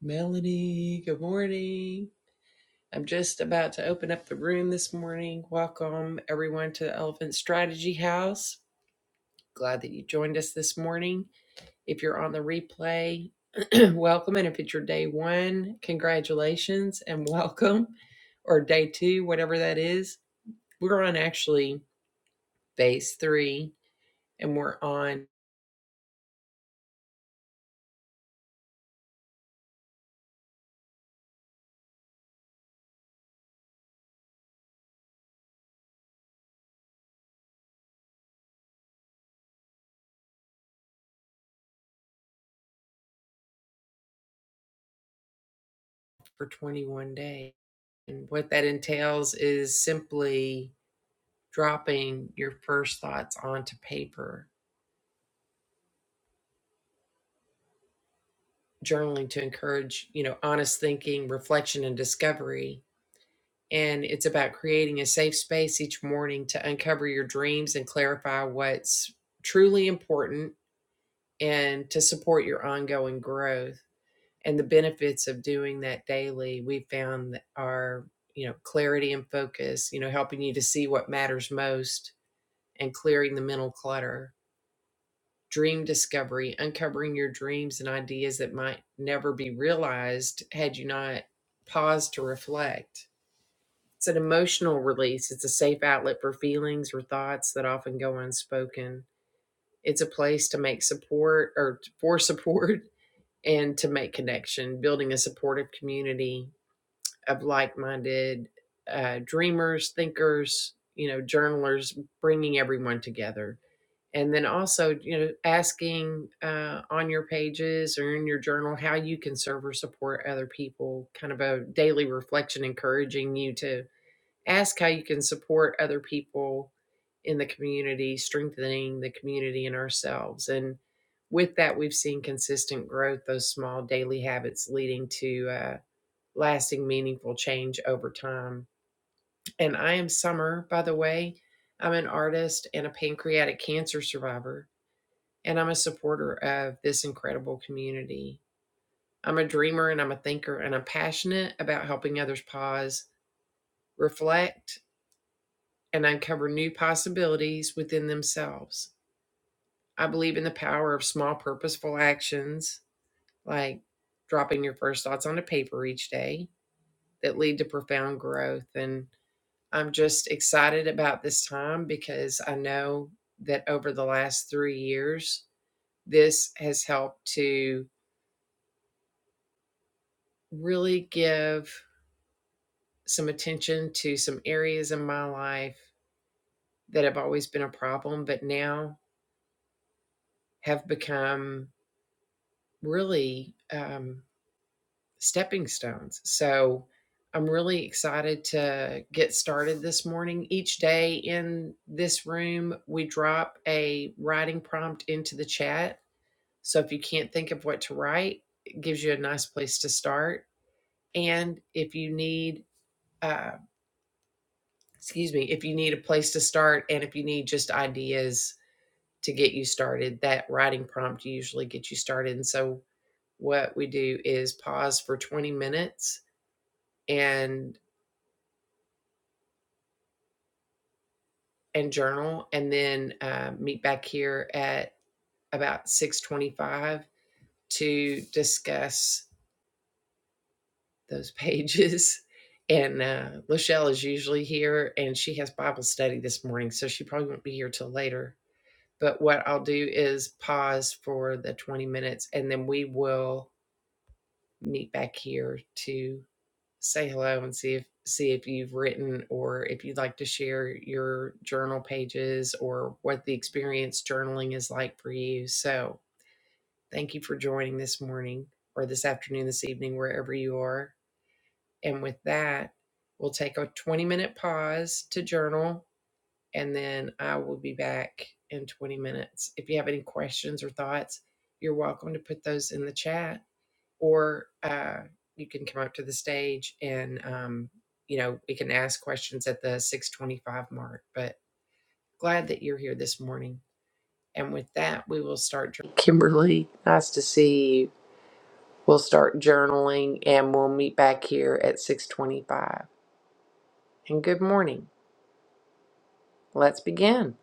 Melanie, good morning. I'm just about to open up the room this morning. Welcome everyone to the Elephant Strategy House. Glad that you joined us this morning. If you're on the replay, welcome. And if it's your day one, congratulations and welcome, or day two, whatever that is. We're on actually phase three and we're on for 21 days. And what that entails is simply dropping your first thoughts onto paper journaling to encourage you know honest thinking reflection and discovery and it's about creating a safe space each morning to uncover your dreams and clarify what's truly important and to support your ongoing growth and the benefits of doing that daily we found that are you know clarity and focus you know helping you to see what matters most and clearing the mental clutter dream discovery, uncovering your dreams and ideas that might never be realized had you not paused to reflect. It's an emotional release, it's a safe outlet for feelings or thoughts that often go unspoken. It's a place to make support or for support and to make connection, building a supportive community of like minded uh, dreamers, thinkers, you know, journalers, bringing everyone together and then also you know asking uh, on your pages or in your journal how you can serve or support other people kind of a daily reflection encouraging you to ask how you can support other people in the community strengthening the community and ourselves and with that we've seen consistent growth those small daily habits leading to uh, lasting meaningful change over time and i am summer by the way i'm an artist and a pancreatic cancer survivor and I'm a supporter of this incredible community. I'm a dreamer and I'm a thinker, and I'm passionate about helping others pause, reflect, and uncover new possibilities within themselves. I believe in the power of small, purposeful actions like dropping your first thoughts onto paper each day that lead to profound growth. And I'm just excited about this time because I know that over the last three years, this has helped to really give some attention to some areas in my life that have always been a problem, but now have become really um, stepping stones. So I'm really excited to get started this morning. Each day in this room, we drop a writing prompt into the chat. So if you can't think of what to write, it gives you a nice place to start. And if you need, uh, excuse me, if you need a place to start and if you need just ideas to get you started. That writing prompt usually gets you started. And so what we do is pause for 20 minutes and and journal and then uh, meet back here at about 625 to discuss those pages and uh, lachelle is usually here and she has bible study this morning so she probably won't be here till later but what i'll do is pause for the 20 minutes and then we will meet back here to say hello and see if see if you've written or if you'd like to share your journal pages or what the experience journaling is like for you. So, thank you for joining this morning or this afternoon, this evening, wherever you are. And with that, we'll take a 20 minute pause to journal and then I will be back in 20 minutes. If you have any questions or thoughts, you're welcome to put those in the chat or uh, you can come up to the stage and um, you know we can ask questions at the 625 mark but glad that you're here this morning and with that we will start jour- kimberly nice to see you we'll start journaling and we'll meet back here at 625 and good morning let's begin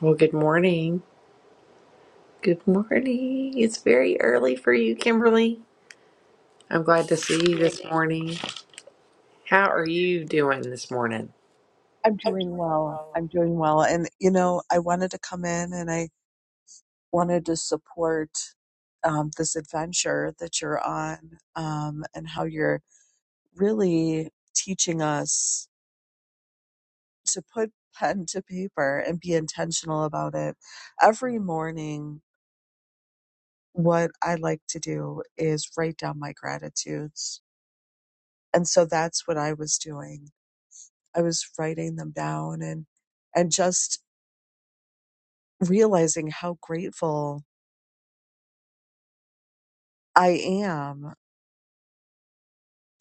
well good morning good morning it's very early for you kimberly i'm glad to see you Yeah, this morning how are you doing this morning I'm doing well. I'm doing well. And, you know, I wanted to come in and I wanted to support um, this adventure that you're on um, and how you're really teaching us to put pen to paper and be intentional about it. Every morning, what I like to do is write down my gratitudes. And so that's what I was doing. I was writing them down and, and just realizing how grateful I am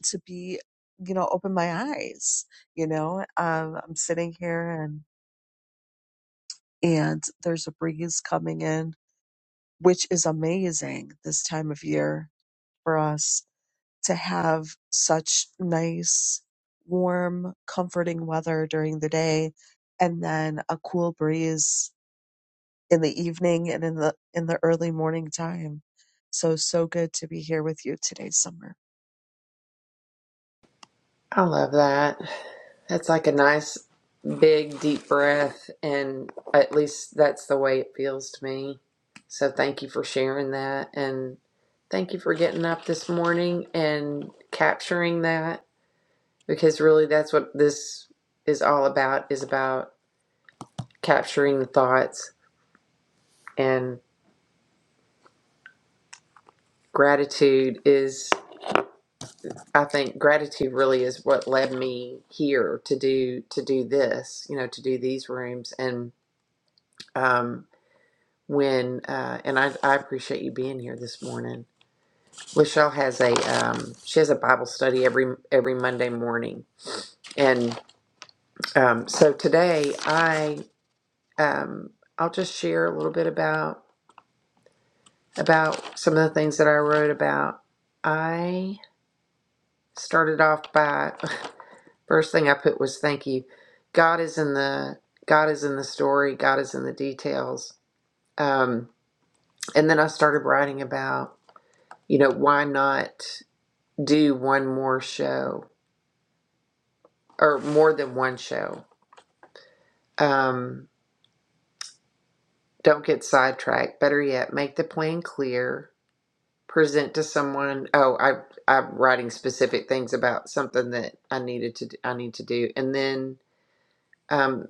to be, you know, open my eyes. You know, um, I'm sitting here and and there's a breeze coming in, which is amazing this time of year for us to have such nice, warm, comforting weather during the day, and then a cool breeze in the evening and in the in the early morning time. So so good to be here with you today, Summer. I love that. That's like a nice big deep breath and at least that's the way it feels to me. So thank you for sharing that and thank you for getting up this morning and capturing that because really that's what this is all about is about capturing the thoughts and gratitude is I think gratitude really is what led me here to do to do this, you know, to do these rooms and um when uh, and I, I appreciate you being here this morning. Lachelle has a um, she has a Bible study every every Monday morning, and um, so today I um, I'll just share a little bit about about some of the things that I wrote about. I started off by first thing I put was thank you. God is in the God is in the story. God is in the details. Um, and then I started writing about you know why not do one more show or more than one show. Um, don't get sidetracked. Better yet, make the plan clear. Present to someone. Oh, I I'm writing specific things about something that I needed to I need to do, and then um,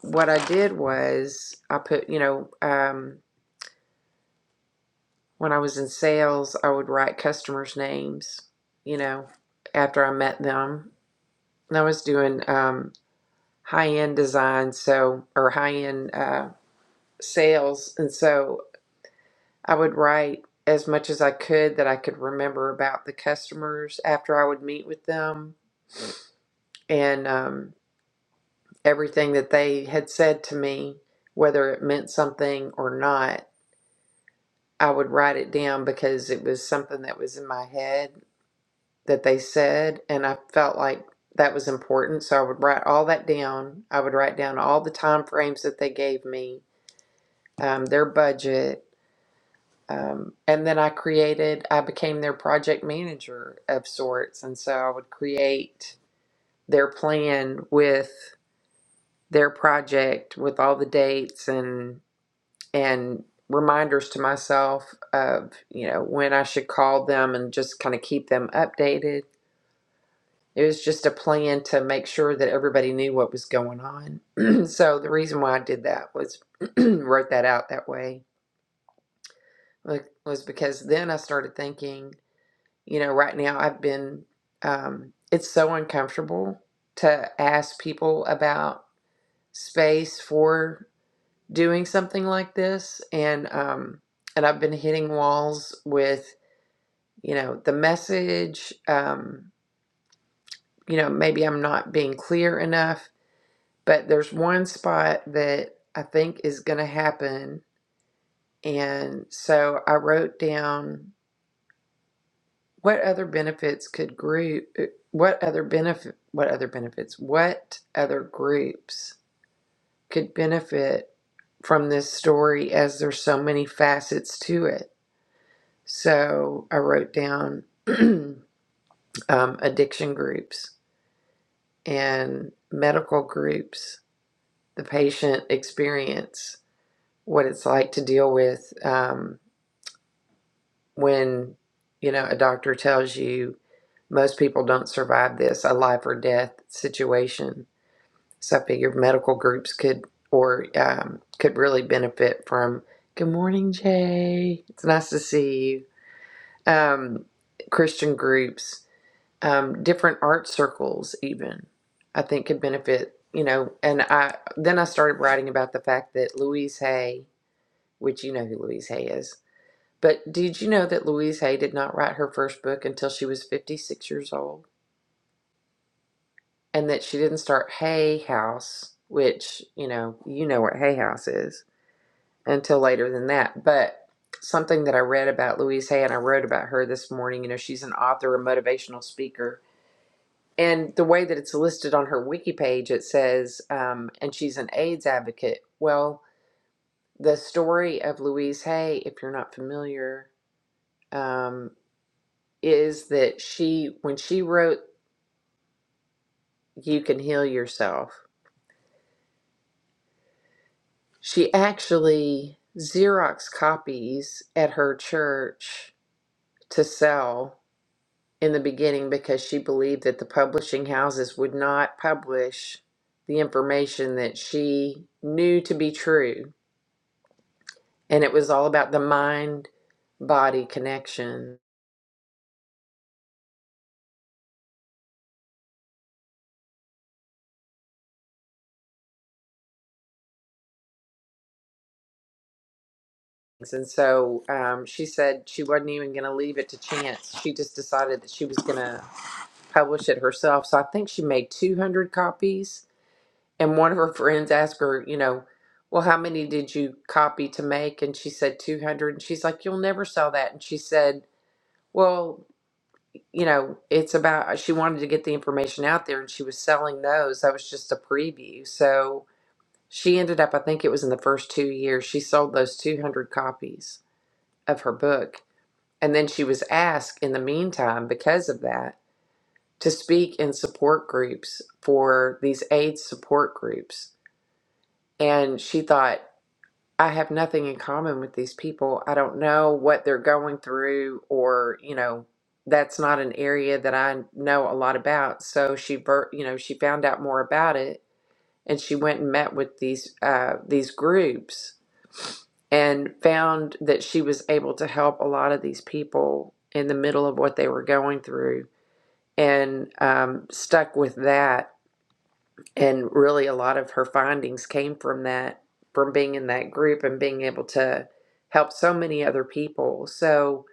what I did was I put you know um, when I was in sales, I would write customers' names. You know, after I met them, and I was doing um, high end design, so or high end. Uh, sales. And so I would write as much as I could that I could remember about the customers after I would meet with them and um, everything that they had said to me, whether it meant something or not. I would write it down because it was something that was in my head that they said, and I felt like that was important. So I would write all that down. I would write down all the time frames that they gave me, um, their budget, Um, and then I created, I became their project manager of sorts. And so I would create their plan with their project, with all the dates and, and reminders to myself of, you know, when I should call them and just kind of keep them updated. It was just a plan to make sure that everybody knew what was going on. so the reason why I did that was wrote that out that way like, was because then I started thinking You know, right now I've been, um, it's so uncomfortable to ask people about space for doing something like this. And, um, and I've been hitting walls with, you know, the message. Um, you know, maybe I'm not being clear enough, but there's one spot that I think is going to happen. And so I wrote down What other benefits could group, uh, what other benefit, what other benefits, what other groups could benefit from this story as there's so many facets to it? So I wrote down um, addiction groups and medical groups, the patient experience, what it's like to deal with. um, when you know a doctor tells you most people don't survive this a life or death situation so i figured medical groups could or um, could really benefit from good morning jay it's nice to see you um, christian groups um, different art circles even i think could benefit you know and i then i started writing about the fact that louise hay which you know who louise hay is but did you know that Louise Hay did not write her first book until she was 56 years old? And that she didn't start Hay House, which, you know, you know what Hay House is, until later than that. But something that I read about Louise Hay and I wrote about her this morning, you know, she's an author, a motivational speaker. And the way that it's listed on her wiki page, it says, um, and she's an AIDS advocate. Well, the story of Louise Hay, if you're not familiar, um, is that she, when she wrote You Can Heal Yourself, she actually Xerox copies at her church to sell in the beginning because she believed that the publishing houses would not publish the information that she knew to be true. And it was all about the mind body connections. And so um, she said she wasn't even going to leave it to chance. She just decided that she was going to publish it herself. So I think she made 200 copies. And one of her friends asked her, you know, well, how many did you copy to make? And she said 200. And she's like, you'll never sell that. And she said, well, you know, it's about, she wanted to get the information out there and she was selling those. That was just a preview. So she ended up, I think it was in the first two years, she sold those 200 copies of her book. And then she was asked in the meantime, because of that, to speak in support groups for these AIDS support groups. And she thought, I have nothing in common with these people. I don't know what they're going through, or, you know, that's not an area that I know a lot about. So she, ver- you know, she found out more about it and she went and met with these, uh, these groups and found that she was able to help a lot of these people in the middle of what they were going through and um, stuck with that and really a lot of her findings came from that from being in that group and being able to help so many other people so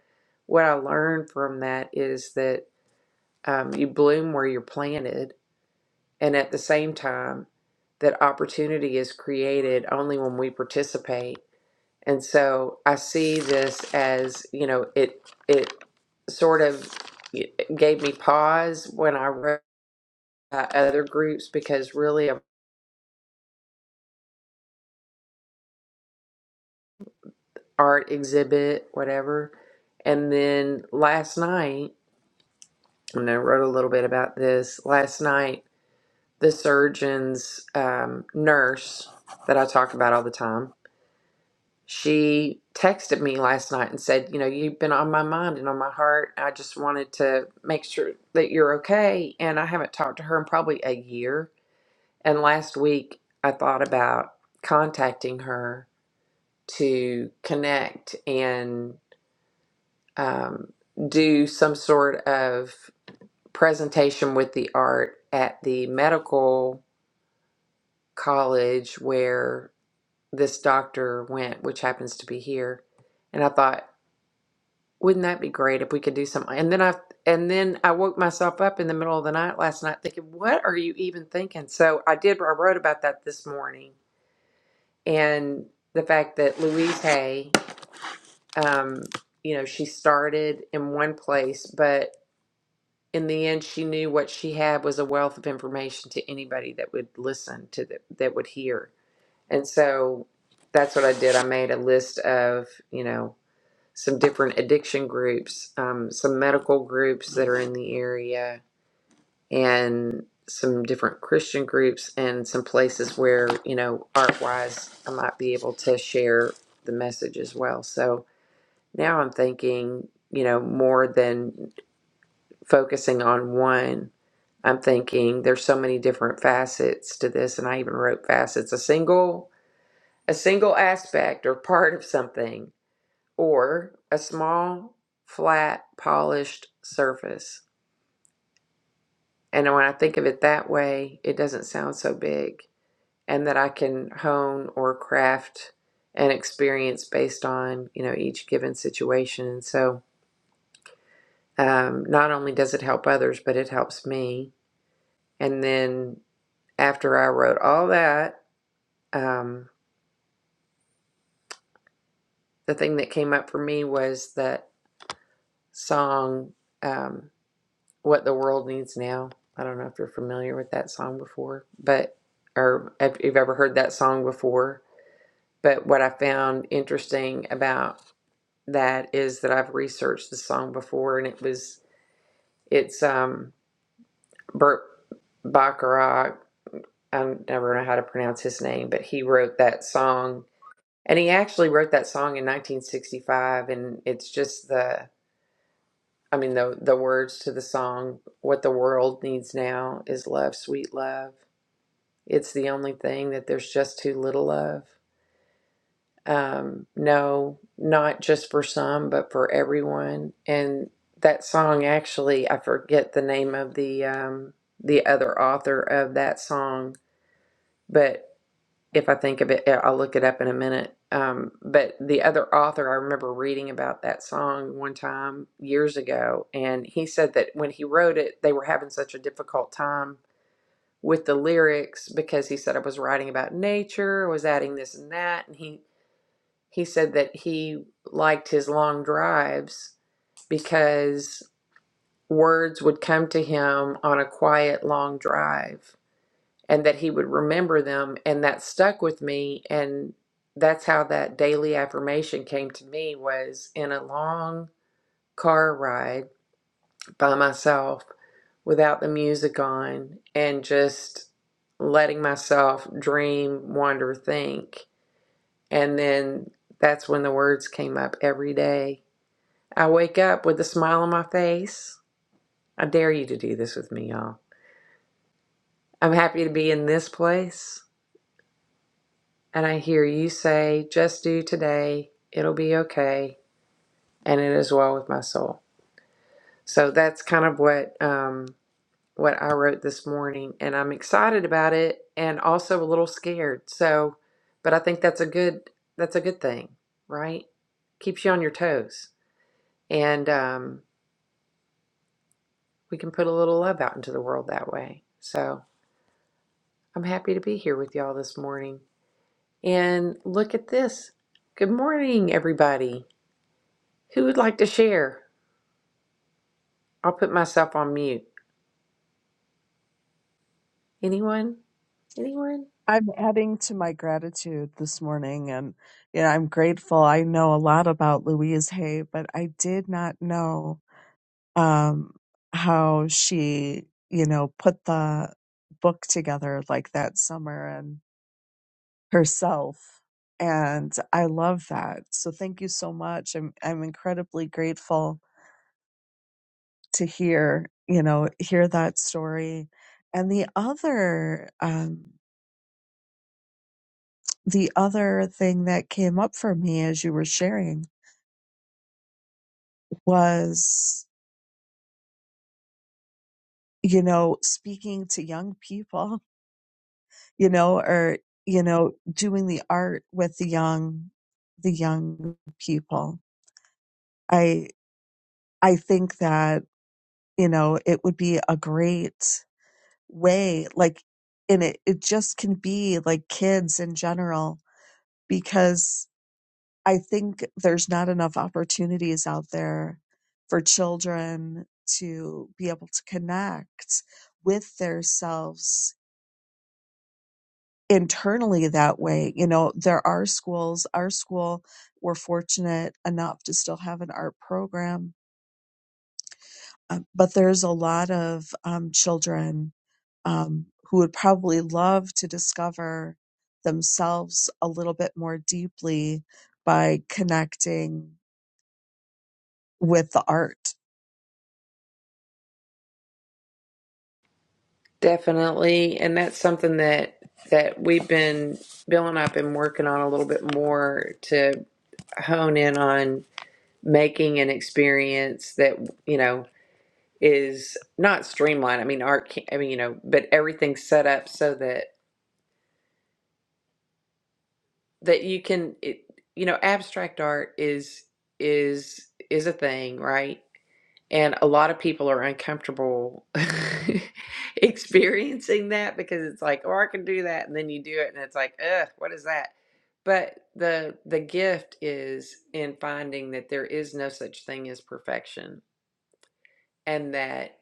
what i learned from that is that um, you bloom where you're planted and at the same time that opportunity is created only when we participate and so i see this as you know it it sort of gave me pause when i read about other groups because really art exhibit, whatever. And then last night, and I wrote a little bit about this last night, the surgeon's um, nurse that I talk about all the time, she texted me last night and said, You know, you've been on my mind and on my heart. I just wanted to make sure that you're okay. And I haven't talked to her in probably a year. And last week, I thought about contacting her to connect and. um, do some sort of presentation with the art at the medical college where this doctor went, which happens to be here. And I thought, wouldn't that be great if we could do something? And then I and then I woke myself up in the middle of the night last night thinking, what are you even thinking? So I did. I wrote about that this morning and the fact that Louise Hay, um, you know, she started in one place, but in the end, she knew what she had was a wealth of information to anybody that would listen to the, that would hear. And so that's what I did. I made a list of, you know, some different addiction groups, um, some medical groups that are in the area, and some different Christian groups, and some places where, you know, art wise, I might be able to share the message as well. So now I'm thinking, you know, more than focusing on one, I'm thinking there's so many different facets to this, and I even wrote facets, a single a single aspect or part of something, or a small, flat, polished surface. And when I think of it that way, it doesn't sound so big, and that I can hone or craft an experience based on you know each given situation. And so, um, not only does it help others, but it helps me. And then after I wrote all that, um, the thing that came up for me was that song, um, What the World Needs Now. I don't know if you're familiar with that song before, but, or if you've ever heard that song before. But what I found interesting about that is that I've researched the song before and it was, it's um, Burt Bacharach. I never know how to pronounce his name, but he wrote that song And he actually wrote that song in 1965, and it's just the, I mean, the the words to the song, "What the world needs now is love, sweet love. It's the only thing that there's just too little of. Um, no, not just for some, but for everyone." And that song actually, I forget the name of the um, the other author of that song, but. if I think of it, I- will look it up in a minute. Um, but the other author, I remember reading about that song one time years ago, and he said that when he wrote it, they were having such a difficult time with the lyrics because he said I was writing about nature, I was adding this and that, and he he said that he liked his long drives because words would come to him on a quiet long drive and that he would remember them and that stuck with me and that's how that daily affirmation came to me was in a long car ride by myself without the music on and just letting myself dream wander think and then that's when the words came up every day i wake up with a smile on my face i dare you to do this with me y'all i'm happy to be in this place And I hear you say, just do today, it'll be okay, and it is well with my soul. So that's kind of what um, what I wrote this morning, and I'm excited about it, and also a little scared. So, but I think that's a good that's a good thing, right? Keeps you on your toes, and um, we can put a little love out into the world that way. So I'm happy to be here with y'all this morning. And look at this. Good morning, everybody. Who would like to share? I'll put myself on mute. Anyone? Anyone? I'm adding to my gratitude this morning, and you know, I'm grateful. I know a lot about Louise Hay, but I did not know um, how she, you know, put the book together like that summer and herself. And I love that. So thank you so much. I'm I'm incredibly grateful to hear, you know, hear that story. And the other um, the other thing that came up for me as you were sharing was, you know, speaking to young people, you know, or, you know, doing the art with the young, the young people. I, I think that, you know, it would be a great way, like, and it, it just can be like kids in general, because I think there's not enough opportunities out there for children to be able to connect with themselves internally that way. You know, there are schools, our school, we're fortunate enough to still have an art program, um, but there's a lot of um, children um, who would probably love to discover themselves a little bit more deeply by connecting with the art Definitely. And that's something that that we've been building up and working on a little bit more to hone in on making an experience that, you know, is not streamlined. I mean, art can, I mean, you know, but everything's set up so that that you can it, you know, abstract art is is is a thing, right? And a lot of people are uncomfortable experiencing that because it's like, oh, I can do that. And then you do it and it's like, ugh, what is that? But the the gift is in finding that there is no such thing as perfection and that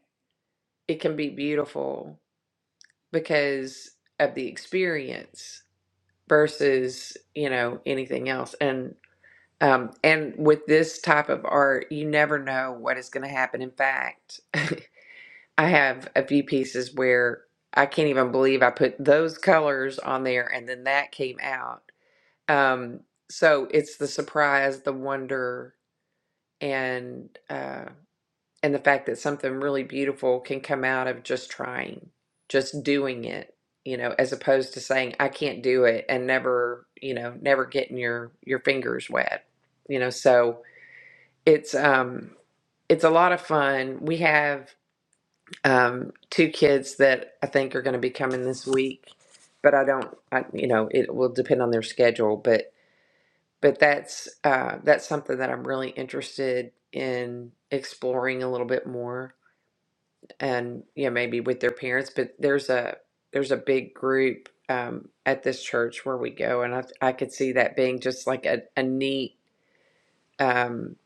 it can be beautiful because of the experience versus, you know, anything else. And um, and with this type of art, you never know what is going to happen. In fact, I have a few pieces where I can't even believe I put those colors on there and then that came out. Um, so it's the surprise, the wonder, and uh, and the fact that something really beautiful can come out of just trying, just doing it, you know, as opposed to saying I can't do it and never, you know, never getting your your fingers wet, you know. So it's um, it's a lot of fun. We have um, two kids that I think are going to be coming this week, but I don't, I, you know, it will depend on their schedule. But but that's uh, that's something that I'm really interested in exploring a little bit more, and you know, maybe with their parents. But there's a there's a big group um, at this church where we go, and I I could see that being just like a a neat. Um,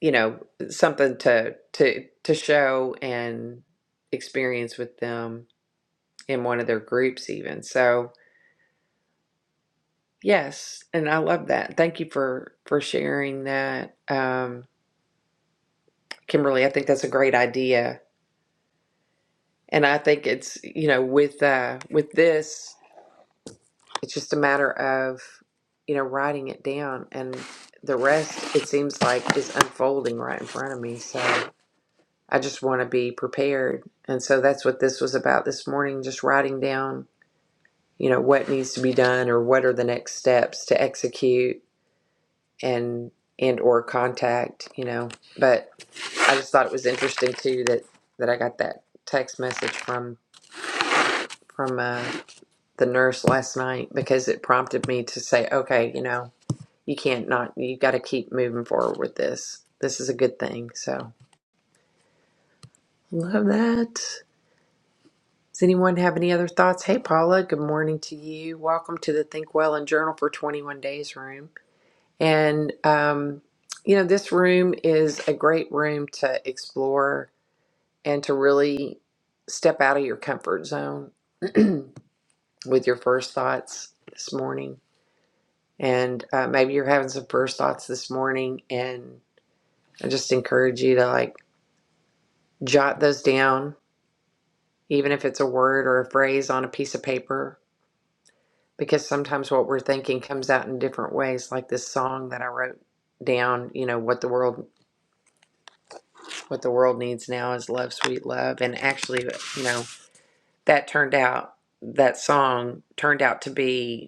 you know something to to to show and experience with them in one of their groups even so yes and i love that thank you for for sharing that um kimberly i think that's a great idea and i think it's you know with uh with this it's just a matter of you know writing it down and the rest it seems like is unfolding right in front of me so i just want to be prepared and so that's what this was about this morning just writing down you know what needs to be done or what are the next steps to execute and and or contact you know but i just thought it was interesting too that that i got that text message from from uh, the nurse last night because it prompted me to say okay you know you can't not you got to keep moving forward with this this is a good thing so love that does anyone have any other thoughts hey paula good morning to you welcome to the think well and journal for 21 days room and um you know this room is a great room to explore and to really step out of your comfort zone with your first thoughts this morning. And uh, maybe you're having some first thoughts this morning, and I just encourage you to like jot those down, even if it's a word or a phrase on a piece of paper, because sometimes what we're thinking comes out in different ways. Like this song that I wrote down, you know, what the world what the world needs now is love, sweet love, and actually, you know, that turned out that song turned out to be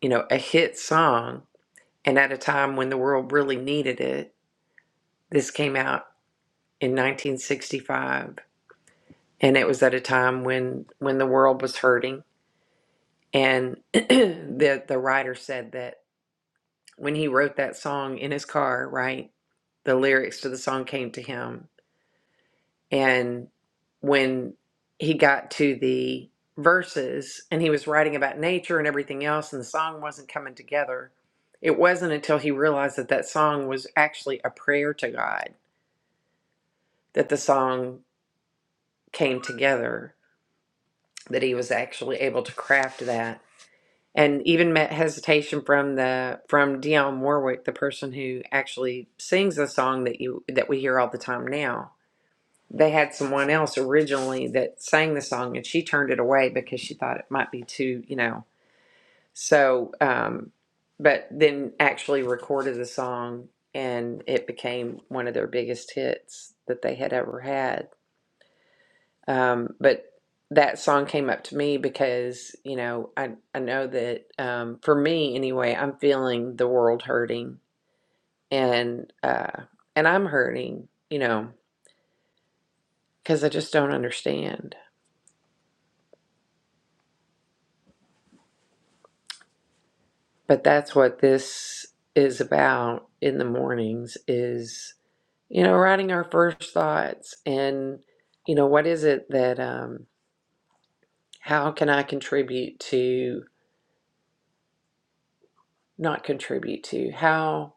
you know, a hit song. And at a time when the world really needed it, this came out in 1965. And it was at a time when, when the world was hurting. And the, the writer said that when he wrote that song in his car, right, the lyrics to the song came to him And when he got to the verses and he was writing about nature and everything else, and the song wasn't coming together, it wasn't until he realized that that song was actually a prayer to God that the song came together, that he was actually able to craft that. And even met hesitation from the from Dionne Warwick, the person who actually sings the song that you that we hear all the time now they had someone else originally that sang the song and she turned it away because she thought it might be too you know so um but then actually recorded the song and it became one of their biggest hits that they had ever had um but that song came up to me because you know i i know that um for me anyway i'm feeling the world hurting and uh and i'm hurting you know because i just don't understand but that's what this is about in the mornings is you know writing our first thoughts and you know what is it that um how can i contribute to not contribute to how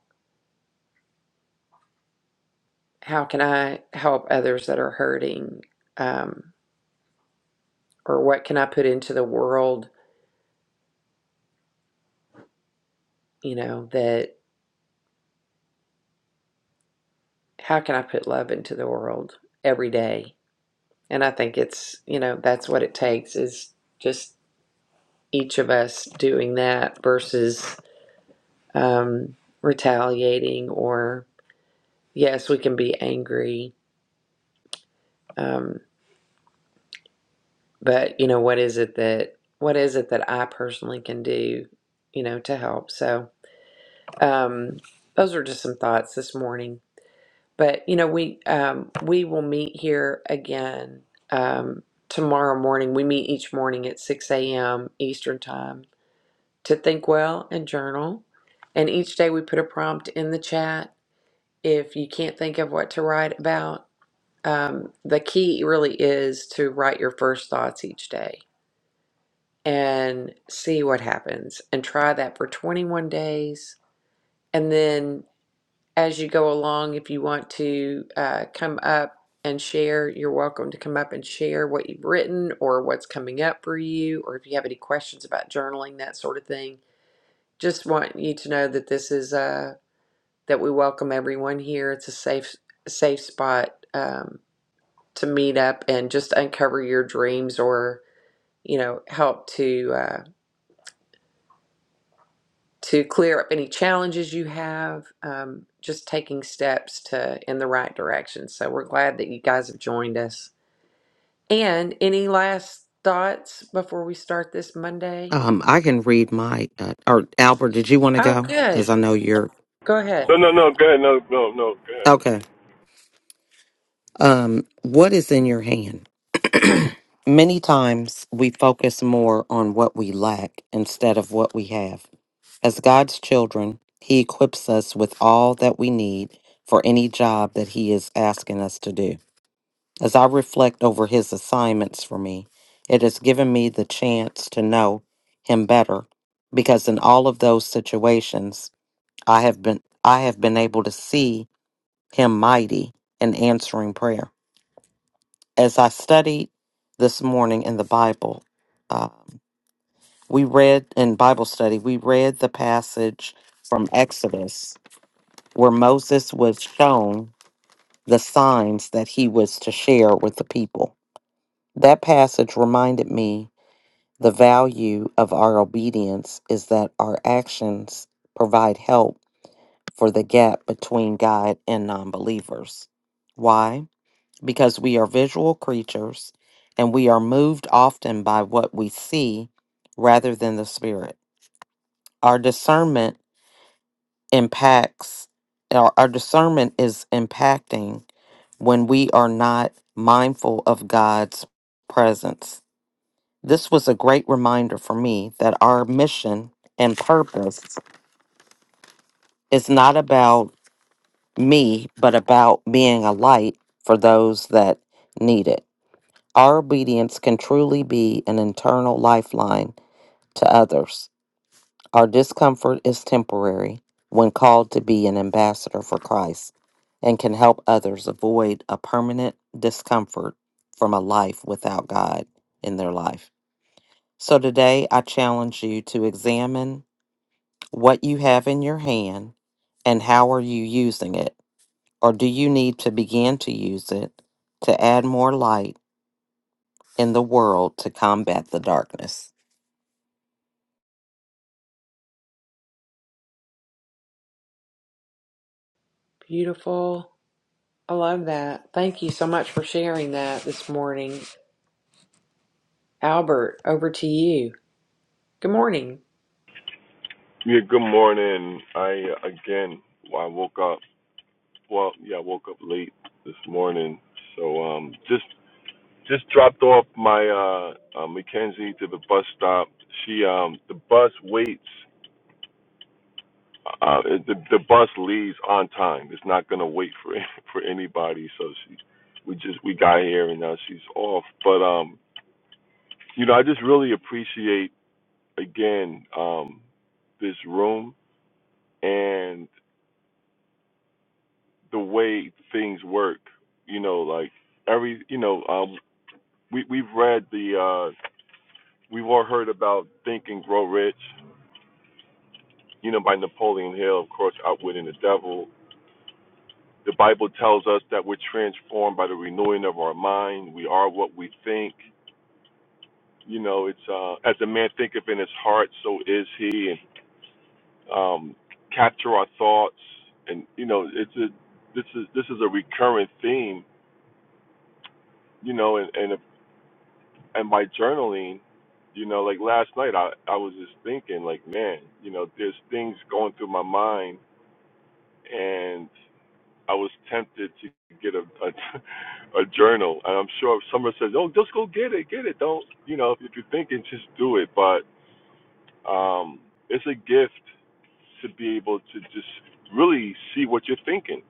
how can i help others that are hurting um or what can i put into the world you know that how can i put love into the world every day and i think it's you know that's what it takes is just each of us doing that versus um, retaliating or yes we can be angry um, but you know what is it that what is it that i personally can do you know to help so um, those are just some thoughts this morning but you know we um, we will meet here again um, tomorrow morning we meet each morning at 6 a.m eastern time to think well and journal and each day we put a prompt in the chat if you can't think of what to write about, um, the key really is to write your first thoughts each day and see what happens and try that for 21 days. And then as you go along, if you want to uh, come up and share, you're welcome to come up and share what you've written or what's coming up for you, or if you have any questions about journaling, that sort of thing. Just want you to know that this is uh, that we welcome everyone here. It's a safe safe spot. Um, to meet up and just uncover your dreams or you know help to uh, to clear up any challenges you have um, just taking steps to in the right direction so we're glad that you guys have joined us and any last thoughts before we start this monday Um, I can read my uh, or Albert. Did you want to oh go? good Because I know you're go ahead No, no, no. Go ahead. No, no, no. Go ahead. okay. Um, what is in your hand? Many times we focus more on what we lack instead of what we have. As God's children, He equips us with all that we need for any job that He is asking us to do. As I reflect over His assignments for me, it has given me the chance to know Him better because in all of those situations, I have been I have been able to see him mighty in answering prayer. As I studied this morning in the Bible, um, we read in Bible study, we read the passage from Exodus where Moses was shown the signs that he was to share with the people. That passage reminded me the value of our obedience is that our actions provide help for the gap between God and non believers. Why? Because we are visual creatures and we are moved often by what we see rather than the spirit. Our discernment impacts, our, our discernment is impacting when we are not mindful of God's presence. This was a great reminder for me that our mission and purpose is not about me, but about being a light for those that need it. Our obedience can truly be an internal lifeline to others. Our discomfort is temporary when called to be an ambassador for Christ and can help others avoid a permanent discomfort from a life without God in their life. So today I challenge you to examine what you have in your hand and how are you using it or do you need to begin to use it to add more light in the world to combat the darkness? beautiful i love that thank you so much for sharing that this morning albert over to you good morning Yeah. Good morning. I uh, again. I woke up. Well, yeah, I woke up late this morning. So um, just just dropped off my uh, uh Mackenzie to the bus stop. She um the bus waits. Uh, the the bus leaves on time. It's not gonna wait for for anybody. So she, we just we got here and now she's off. But um, you know, I just really appreciate again um this room and the way things work. You know, like every you know, um, we we've read the uh, we've all heard about Think and Grow Rich. You know, by Napoleon Hill, of course, Outwitting the Devil. The Bible tells us that we're transformed by the renewing of our mind. We are what we think. You know, it's uh, as a man thinketh in his heart, so is he. And um, capture our thoughts, and you know, it's a this is this is a recurrent theme. You know, and, and and by journaling, you know, like last night, I I was just thinking, like, man, you know, there's things going through my mind, and I was tempted to get a a, a journal, and I'm sure if someone says, oh, just go get it, get it, don't, you know, if you're thinking, just do it, but um, it's a gift to be able to just really see what you're thinking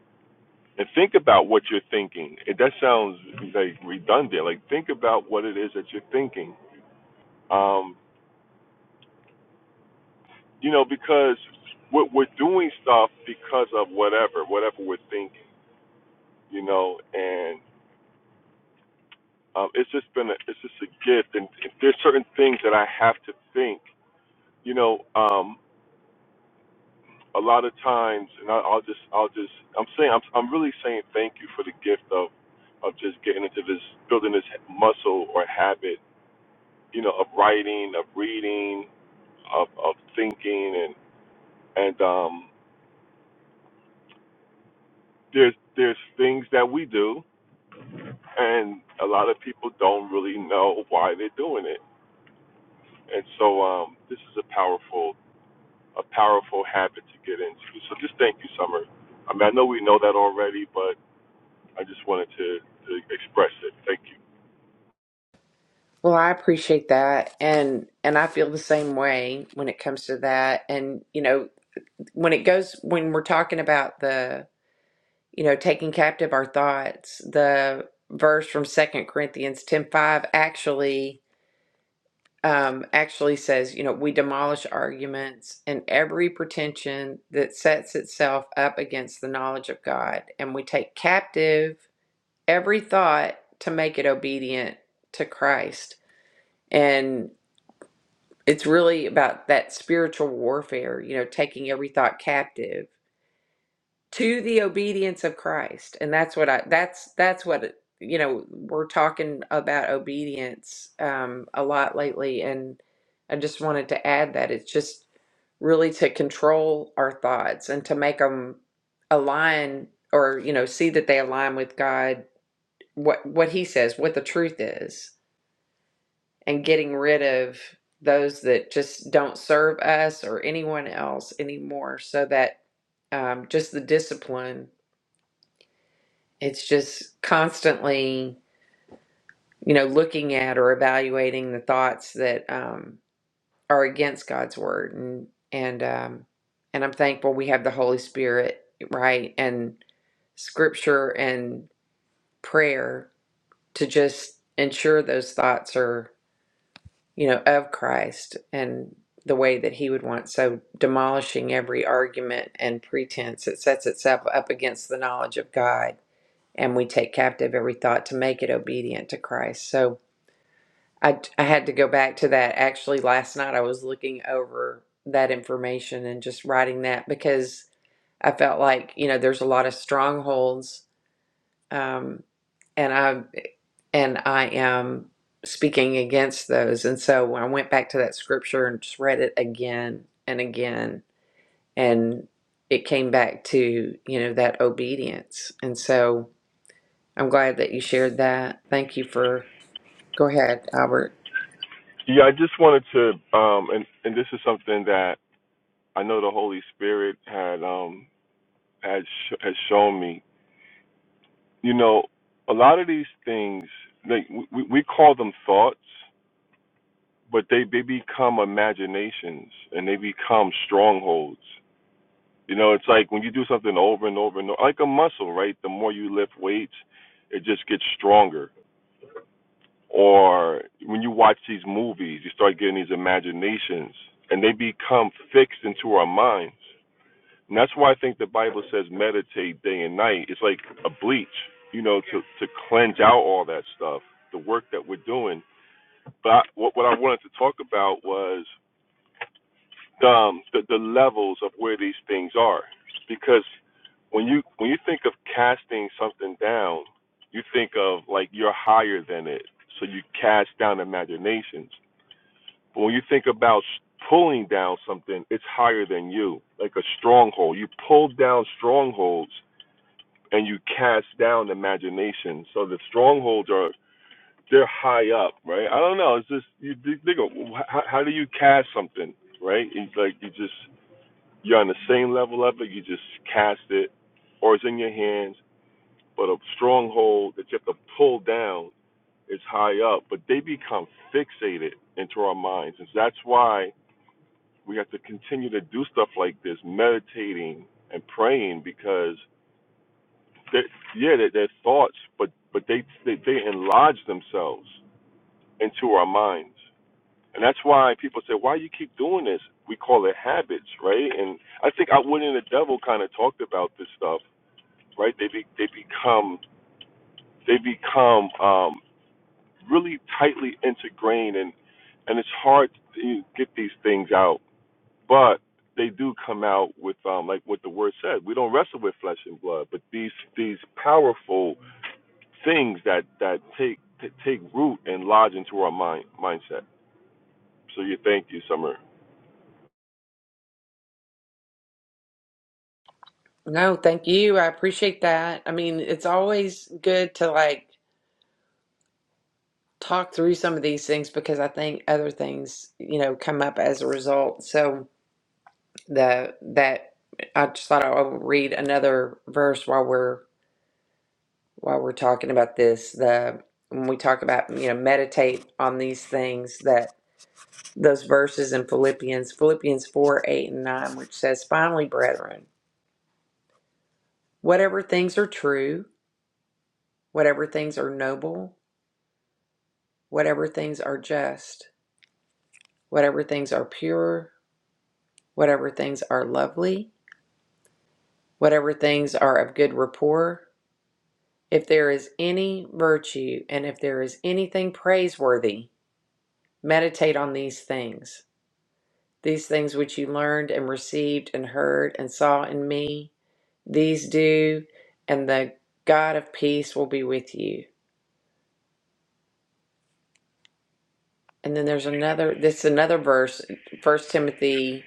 and think about what you're thinking. It, that sounds like redundant. Like think about what it is that you're thinking. Um, you know, because we're, we're doing stuff because of whatever, whatever we're thinking, you know, and um, it's just been, a, it's just a gift. And there's certain things that I have to think, you know, um, a lot of times, and I, I'll just, I'll just, I'm saying, I'm, I'm really saying thank you for the gift of, of just getting into this, building this muscle or habit, you know, of writing, of reading, of, of thinking, and, and um, there's, there's things that we do and a lot of people don't really know why they're doing it. And so um, this is a powerful, a powerful habit to get into. So just thank you, Summer. I mean, I know we know that already, but I just wanted to, to express it. Thank you. Well, I appreciate that and and I feel the same way when it comes to that and you know when it goes when we're talking about the you know taking captive our thoughts the verse from Second Corinthians 10:5 actually um actually says you know we demolish arguments and every pretension that sets itself up against the knowledge of God and we take captive every thought to make it obedient to Christ It's really about that spiritual warfare, you know, taking every thought captive to the obedience of Christ. And that's what I that's that's what it- you know, we're talking about obedience um a lot lately and I just wanted to add that it's just really to control our thoughts and to make them align or you know, see that they align with God what what he says, what the truth is and getting rid of those that just don't serve us or anyone else anymore so that um, just the discipline it's just constantly you know looking at or evaluating the thoughts that um, are against god's word and and um, and i'm thankful we have the holy spirit right and scripture and prayer to just ensure those thoughts are. you know, of Christ and the way that he would want. So demolishing every argument and pretense that sets itself up against the knowledge of God. And we take captive every thought to make it obedient to Christ. So I, I had to go back to that. Actually, last night I was looking over that information and just writing that because I felt like, you know, there's a lot of strongholds. Um, and I and I am speaking against those. And so when I went back to that scripture and just read it again and again, and it came back to, you know, that obedience. And so I'm glad that you shared that. Thank you for, go ahead, Albert. Yeah, I just wanted to, um, and and this is something that I know the Holy Spirit had um, had sh- has shown me. You know, a lot of these things, like we, we we call them thoughts, but they they become imaginations and they become strongholds. You know, it's like when you do something over and over and over, like a muscle, right? The more you lift weights, it just gets stronger. Or when you watch these movies, you start getting these imaginations, and they become fixed into our minds. And that's why I think the Bible says meditate day and night. It's like a bleach, you know, to to cleanse out all that stuff, the work that we're doing. But I, what what I wanted to talk about was um, the, the levels of where these things are. Because when you when you think of casting something down, you think of like you're higher than it, so you cast down imaginations. But when you think about pulling down something, it's higher than you, like a stronghold. You pull down strongholds and you cast down imagination. So the strongholds are they're high up, right? I don't know. It's just you think think how, how do you cast something, right? It's like you just you're on the same level of it. You just cast it, or it's in your hands. But a stronghold that you have to pull down is high up. But they become fixated into our minds, and that's why we have to continue to do stuff like this, meditating and praying, because yeah, they're, they're thoughts, but but they, they they enlarge themselves into our minds. And that's why people say, why you keep doing this? We call it habits, right? And I think I went in the devil kind of talked about this stuff right? They be, they become they become um, really tightly integrated, and and it's hard to get these things out, but they do come out with um, like what the word said. We don't wrestle with flesh and blood, but these these powerful things that that take t- take root and lodge into our mind mindset. So you thank you, Summer. No, thank you. I appreciate that. I mean, it's always good to like talk through some of these things because I think other things, you know, come up as a result. So, the that I just thought I would read another verse while we're while we're talking about this. The when we talk about you know meditate on these things that those verses in Philippians Philippians four eight and nine, which says, "Finally, brethren, whatever things are true, whatever things are noble, whatever things are just, whatever things are pure, whatever things are lovely, whatever things are of good rapport." If there is any virtue and if there is anything praiseworthy, meditate on these things. These things which you learned and received and heard and saw in me, these do, and the God of peace will be with you. And then there's another this is another verse, First Timothy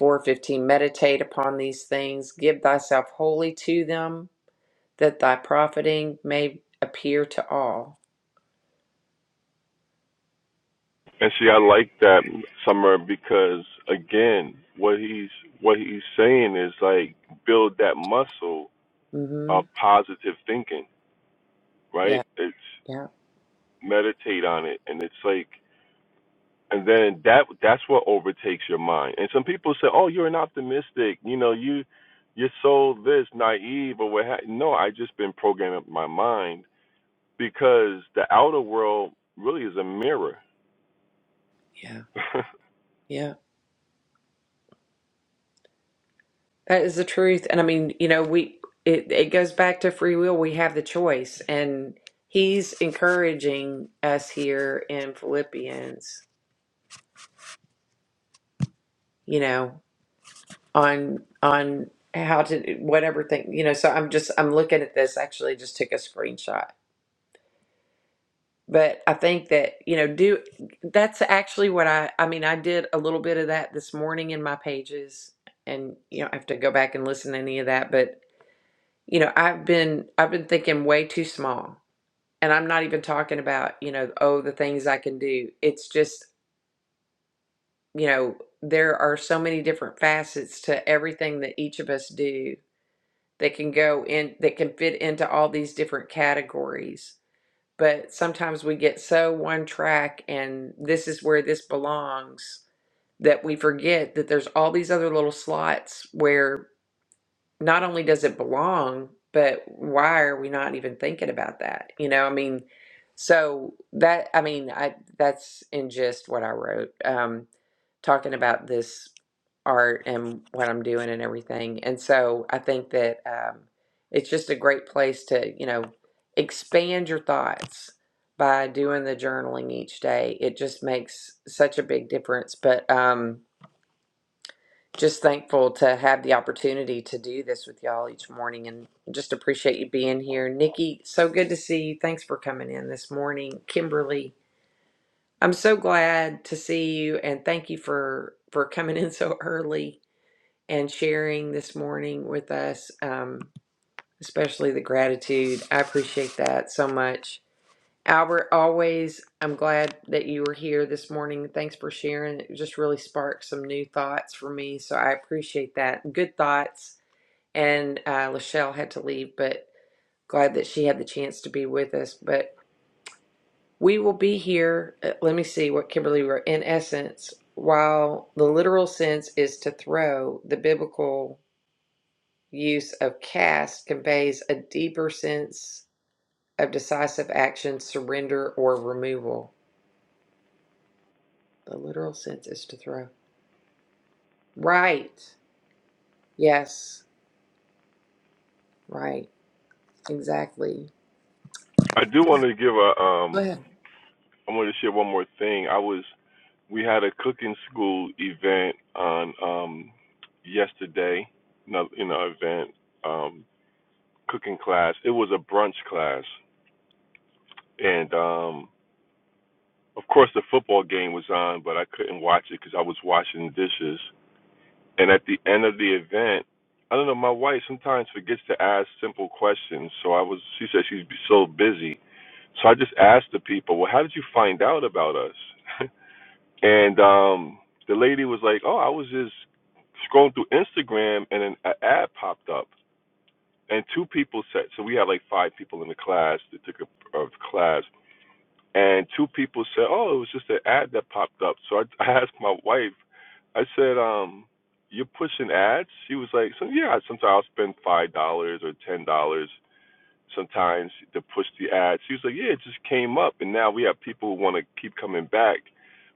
4:15, meditate upon these things, give thyself wholly to them, that thy profiting may appear to all. And see, I like that Summer because again, what he's what he's saying is like build that muscle of Mhm. positive thinking, right? Yeah. It's Yeah. meditate on it, and it's like, and then that that's what overtakes your mind. And some people say, "Oh, you're an optimistic," you know, you you're so this naive or what? Ha-. No, I just been programming my mind because the outer world really is a mirror. Yeah. Yeah. That is the truth. And I mean, you know, we it, it goes back to free will. We have the choice. And he's encouraging us here in Philippians, you know, on on how to whatever thing, you know, so I'm just I'm looking at this actually just took a screenshot. But I think that, you know, do that's actually what I I mean, I did a little bit of that this morning in my pages and you know, I have to go back and listen to any of that, but you know, I've been I've been thinking way too small and I'm not even talking about, you know, oh, the things I can do. It's just, you know, there are so many different facets to everything that each of us do that can go in, that can fit into all these different categories. But sometimes we get so one track and this is where this belongs that we forget that there's all these other little slots where. not only does it belong, but why are we not even thinking about that? You know, I mean, so that I mean, I that's in just what I wrote, um, talking about this art and what I'm doing and everything. And so I think that um, it's just a great place to you know expand your thoughts by doing the journaling each day. It just makes such a big difference. But um, just thankful to have the opportunity to do this with y'all each morning and just appreciate you being here. Nikki, so good to see you. Thanks for coming in this morning. Kimberly, I'm so glad to see you and thank you for for coming in so early and sharing this morning with us, um, especially the gratitude. I appreciate that so much. Albert, always, I'm glad that you were here this morning. Thanks for sharing. It just really sparked some new thoughts for me. So I appreciate that. Good thoughts. And uh, Lachelle had to leave, but glad that she had the chance to be with us. But we will be here. uh, Let me see what Kimberly wrote. In essence, while the literal sense is to throw, the biblical use of cast conveys a deeper sense of decisive action, surrender, or removal. The literal sense is to throw. Right. Yes. Right. Exactly. I do want to give a Go um ahead. I wanted to share one more thing. I was we had a cooking school event on um yesterday, no- you know, event um cooking class. It was a brunch class, and um of course the football game was on, but I couldn't watch it because I was washing dishes. And at the end of the event, I don't know, my wife sometimes forgets to ask simple questions. So I was, she said she's so busy. So I just asked the people, well, how did you find out about us? And um, the lady was like, "Oh, I was just scrolling through Instagram, and an a ad popped up, and two people said. So we had like five people in the class that took a, a class, and two people said, "Oh, it was just an ad that popped up." So I, I asked my wife. I said, um, "You're pushing ads?" She was like, "So yeah, sometimes I'll spend five dollars or ten dollars." Sometimes to push the ads. She was like, Yeah, it just came up and now we have people who wanna keep coming back.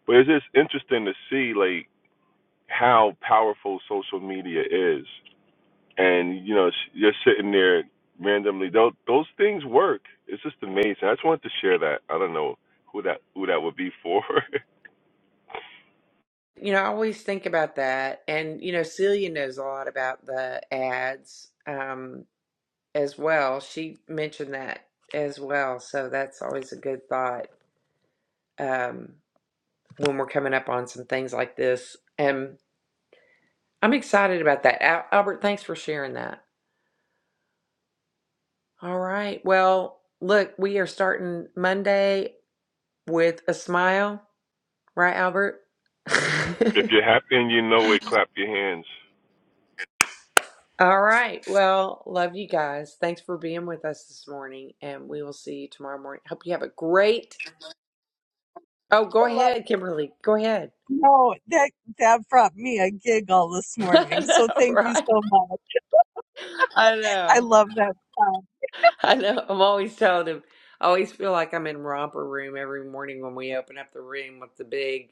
But it's just interesting to see like how powerful social media is. And you know, you're sitting there randomly. Those those things work. It's just amazing. I just wanted to share that. I don't know who that who that would be for. You know, I always think about that. And, you know, Celia knows a lot about the ads um, as well. She mentioned that as well. So that's always a good thought um, when we're coming up on some things like this. And I'm excited about that. Al- Albert, thanks for sharing that. All right. Well, look, we are starting Monday with a smile. Right, Albert? if you're happy and you know it, clap your hands. All right. Well, love you guys. Thanks for being with us this morning, and we will see you tomorrow morning. Hope you have a great. Oh, I go love ahead, Kimberly. Go ahead. no that that brought me a giggle this I morning. So know, thank you right? so much. I I know. love that. song. I know. I'm always telling him. I always feel like I'm in romper room every morning when we open up the room with the big.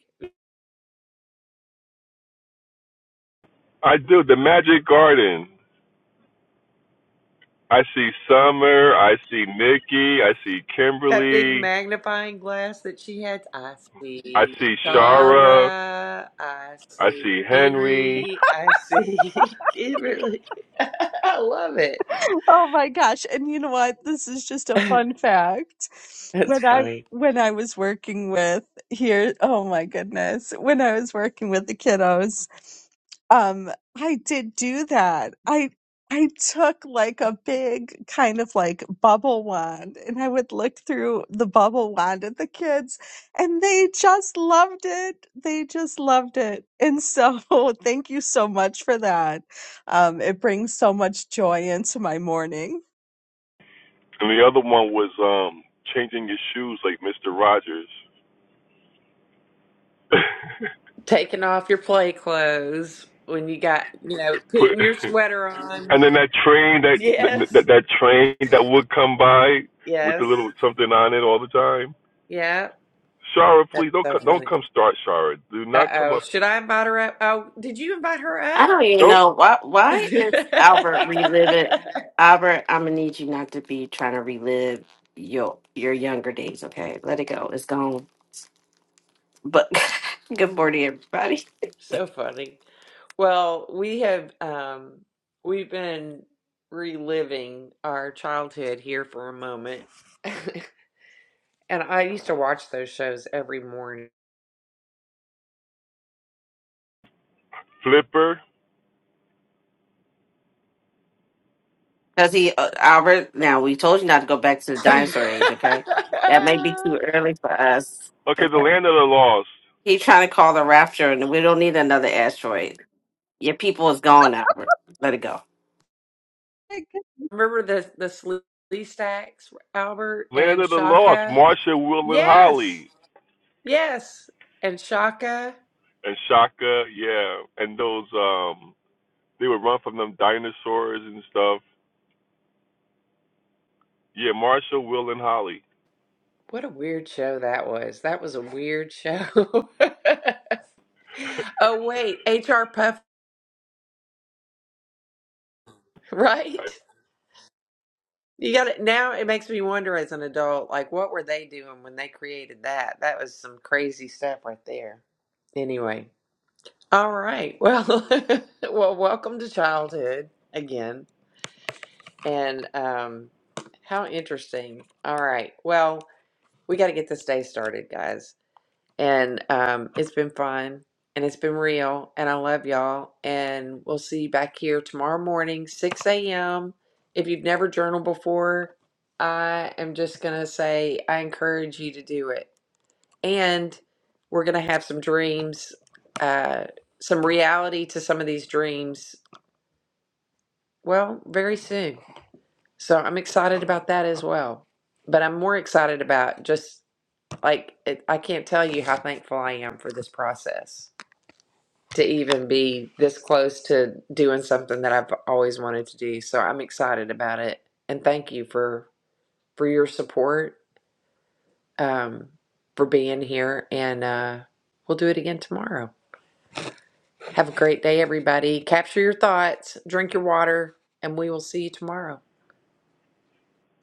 I do the Magic Garden. I see Summer. I see Mickey. I see That big Kimberly. magnifying glass that she had. I I see see Yeah. Shara. Tara. I I see see Henry. Henry. I see Kimberly. I love it. Oh my gosh. And you know what? This is just a fun fact. That's When I funny. when I was working with here, oh my goodness. When I was working with the kiddos, um I did do that. I I took like a big kind of like bubble wand and I would look through the bubble wand at the kids and they just loved it. They just loved it. And so thank you so much for that. Um, it brings so much joy into my morning. And the other one was um changing your shoes like Mister Rogers. Taking off your play clothes when you got, you know, put putting your sweater on. And then that train that that Yes. that, train that would come by with the Yes. little something on it all the time. Yeah. Shara, That's please don't so come, don't funny. come start Shara. Do Uh not come oh. up. Should I invite her up? Oh, did you invite her I don't even Don't know why. Why is Albert reliving? up? Albert, I'm gonna need you not to be trying to relive your your younger days. Okay, let it go. It's gone. But good morning, everybody. So funny. Well, we have um we've been reliving our childhood here for a moment. And I used to watch those shows every morning. flipper. Because he uh, Albert. Now we told you not to go back to the dinosaur age. Okay, that may be too early for us. Okay, the Okay, land of the lost, he trying to call the rapture, and we don't need another asteroid. Your people is gone, Albert. Let it go. Like, Remember the the Slee Stacks, Albert land and of the lost. Shaka? Marsha, Will, and Yes. Holly, Yes. And Shaka. and Shaka. Yeah, and those um, they would run from them dinosaurs and stuff. Yeah, Marsha, Will, and Holly. What a weird show that was. That was a weird show. Oh wait, HR Puff, right? You got it. Now it makes me wonder as an adult, like, what were they doing when they created that? That was some crazy stuff right there. Anyway, all right. Well, well, welcome to childhood again. And um, how interesting. All right. Well, we got to get this day started, guys. And um, it's been fun and it's been real. And I love y'all. And we'll see you back here tomorrow morning, 6 a.m. If you've never journaled before, I am just going to say I encourage you to do it. And we're going to have some dreams, uh, some reality to some of these dreams, well, very soon. So I'm excited about that as well. But I'm more excited about just like, it, I can't tell you how thankful I am for this process to even be this close to doing something that I've always wanted to do. So I'm excited about it. And thank you for for your support, um, for being here. And uh, we'll do it again tomorrow. Have a great day, everybody. Capture your thoughts, drink your water, and we will see you tomorrow.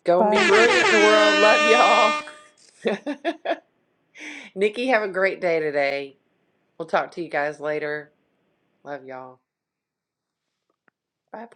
Go and be Bye. brilliant in the world. Love y'all. Nikki, have a great day today. We'll talk to you guys later. Love y'all. Bye.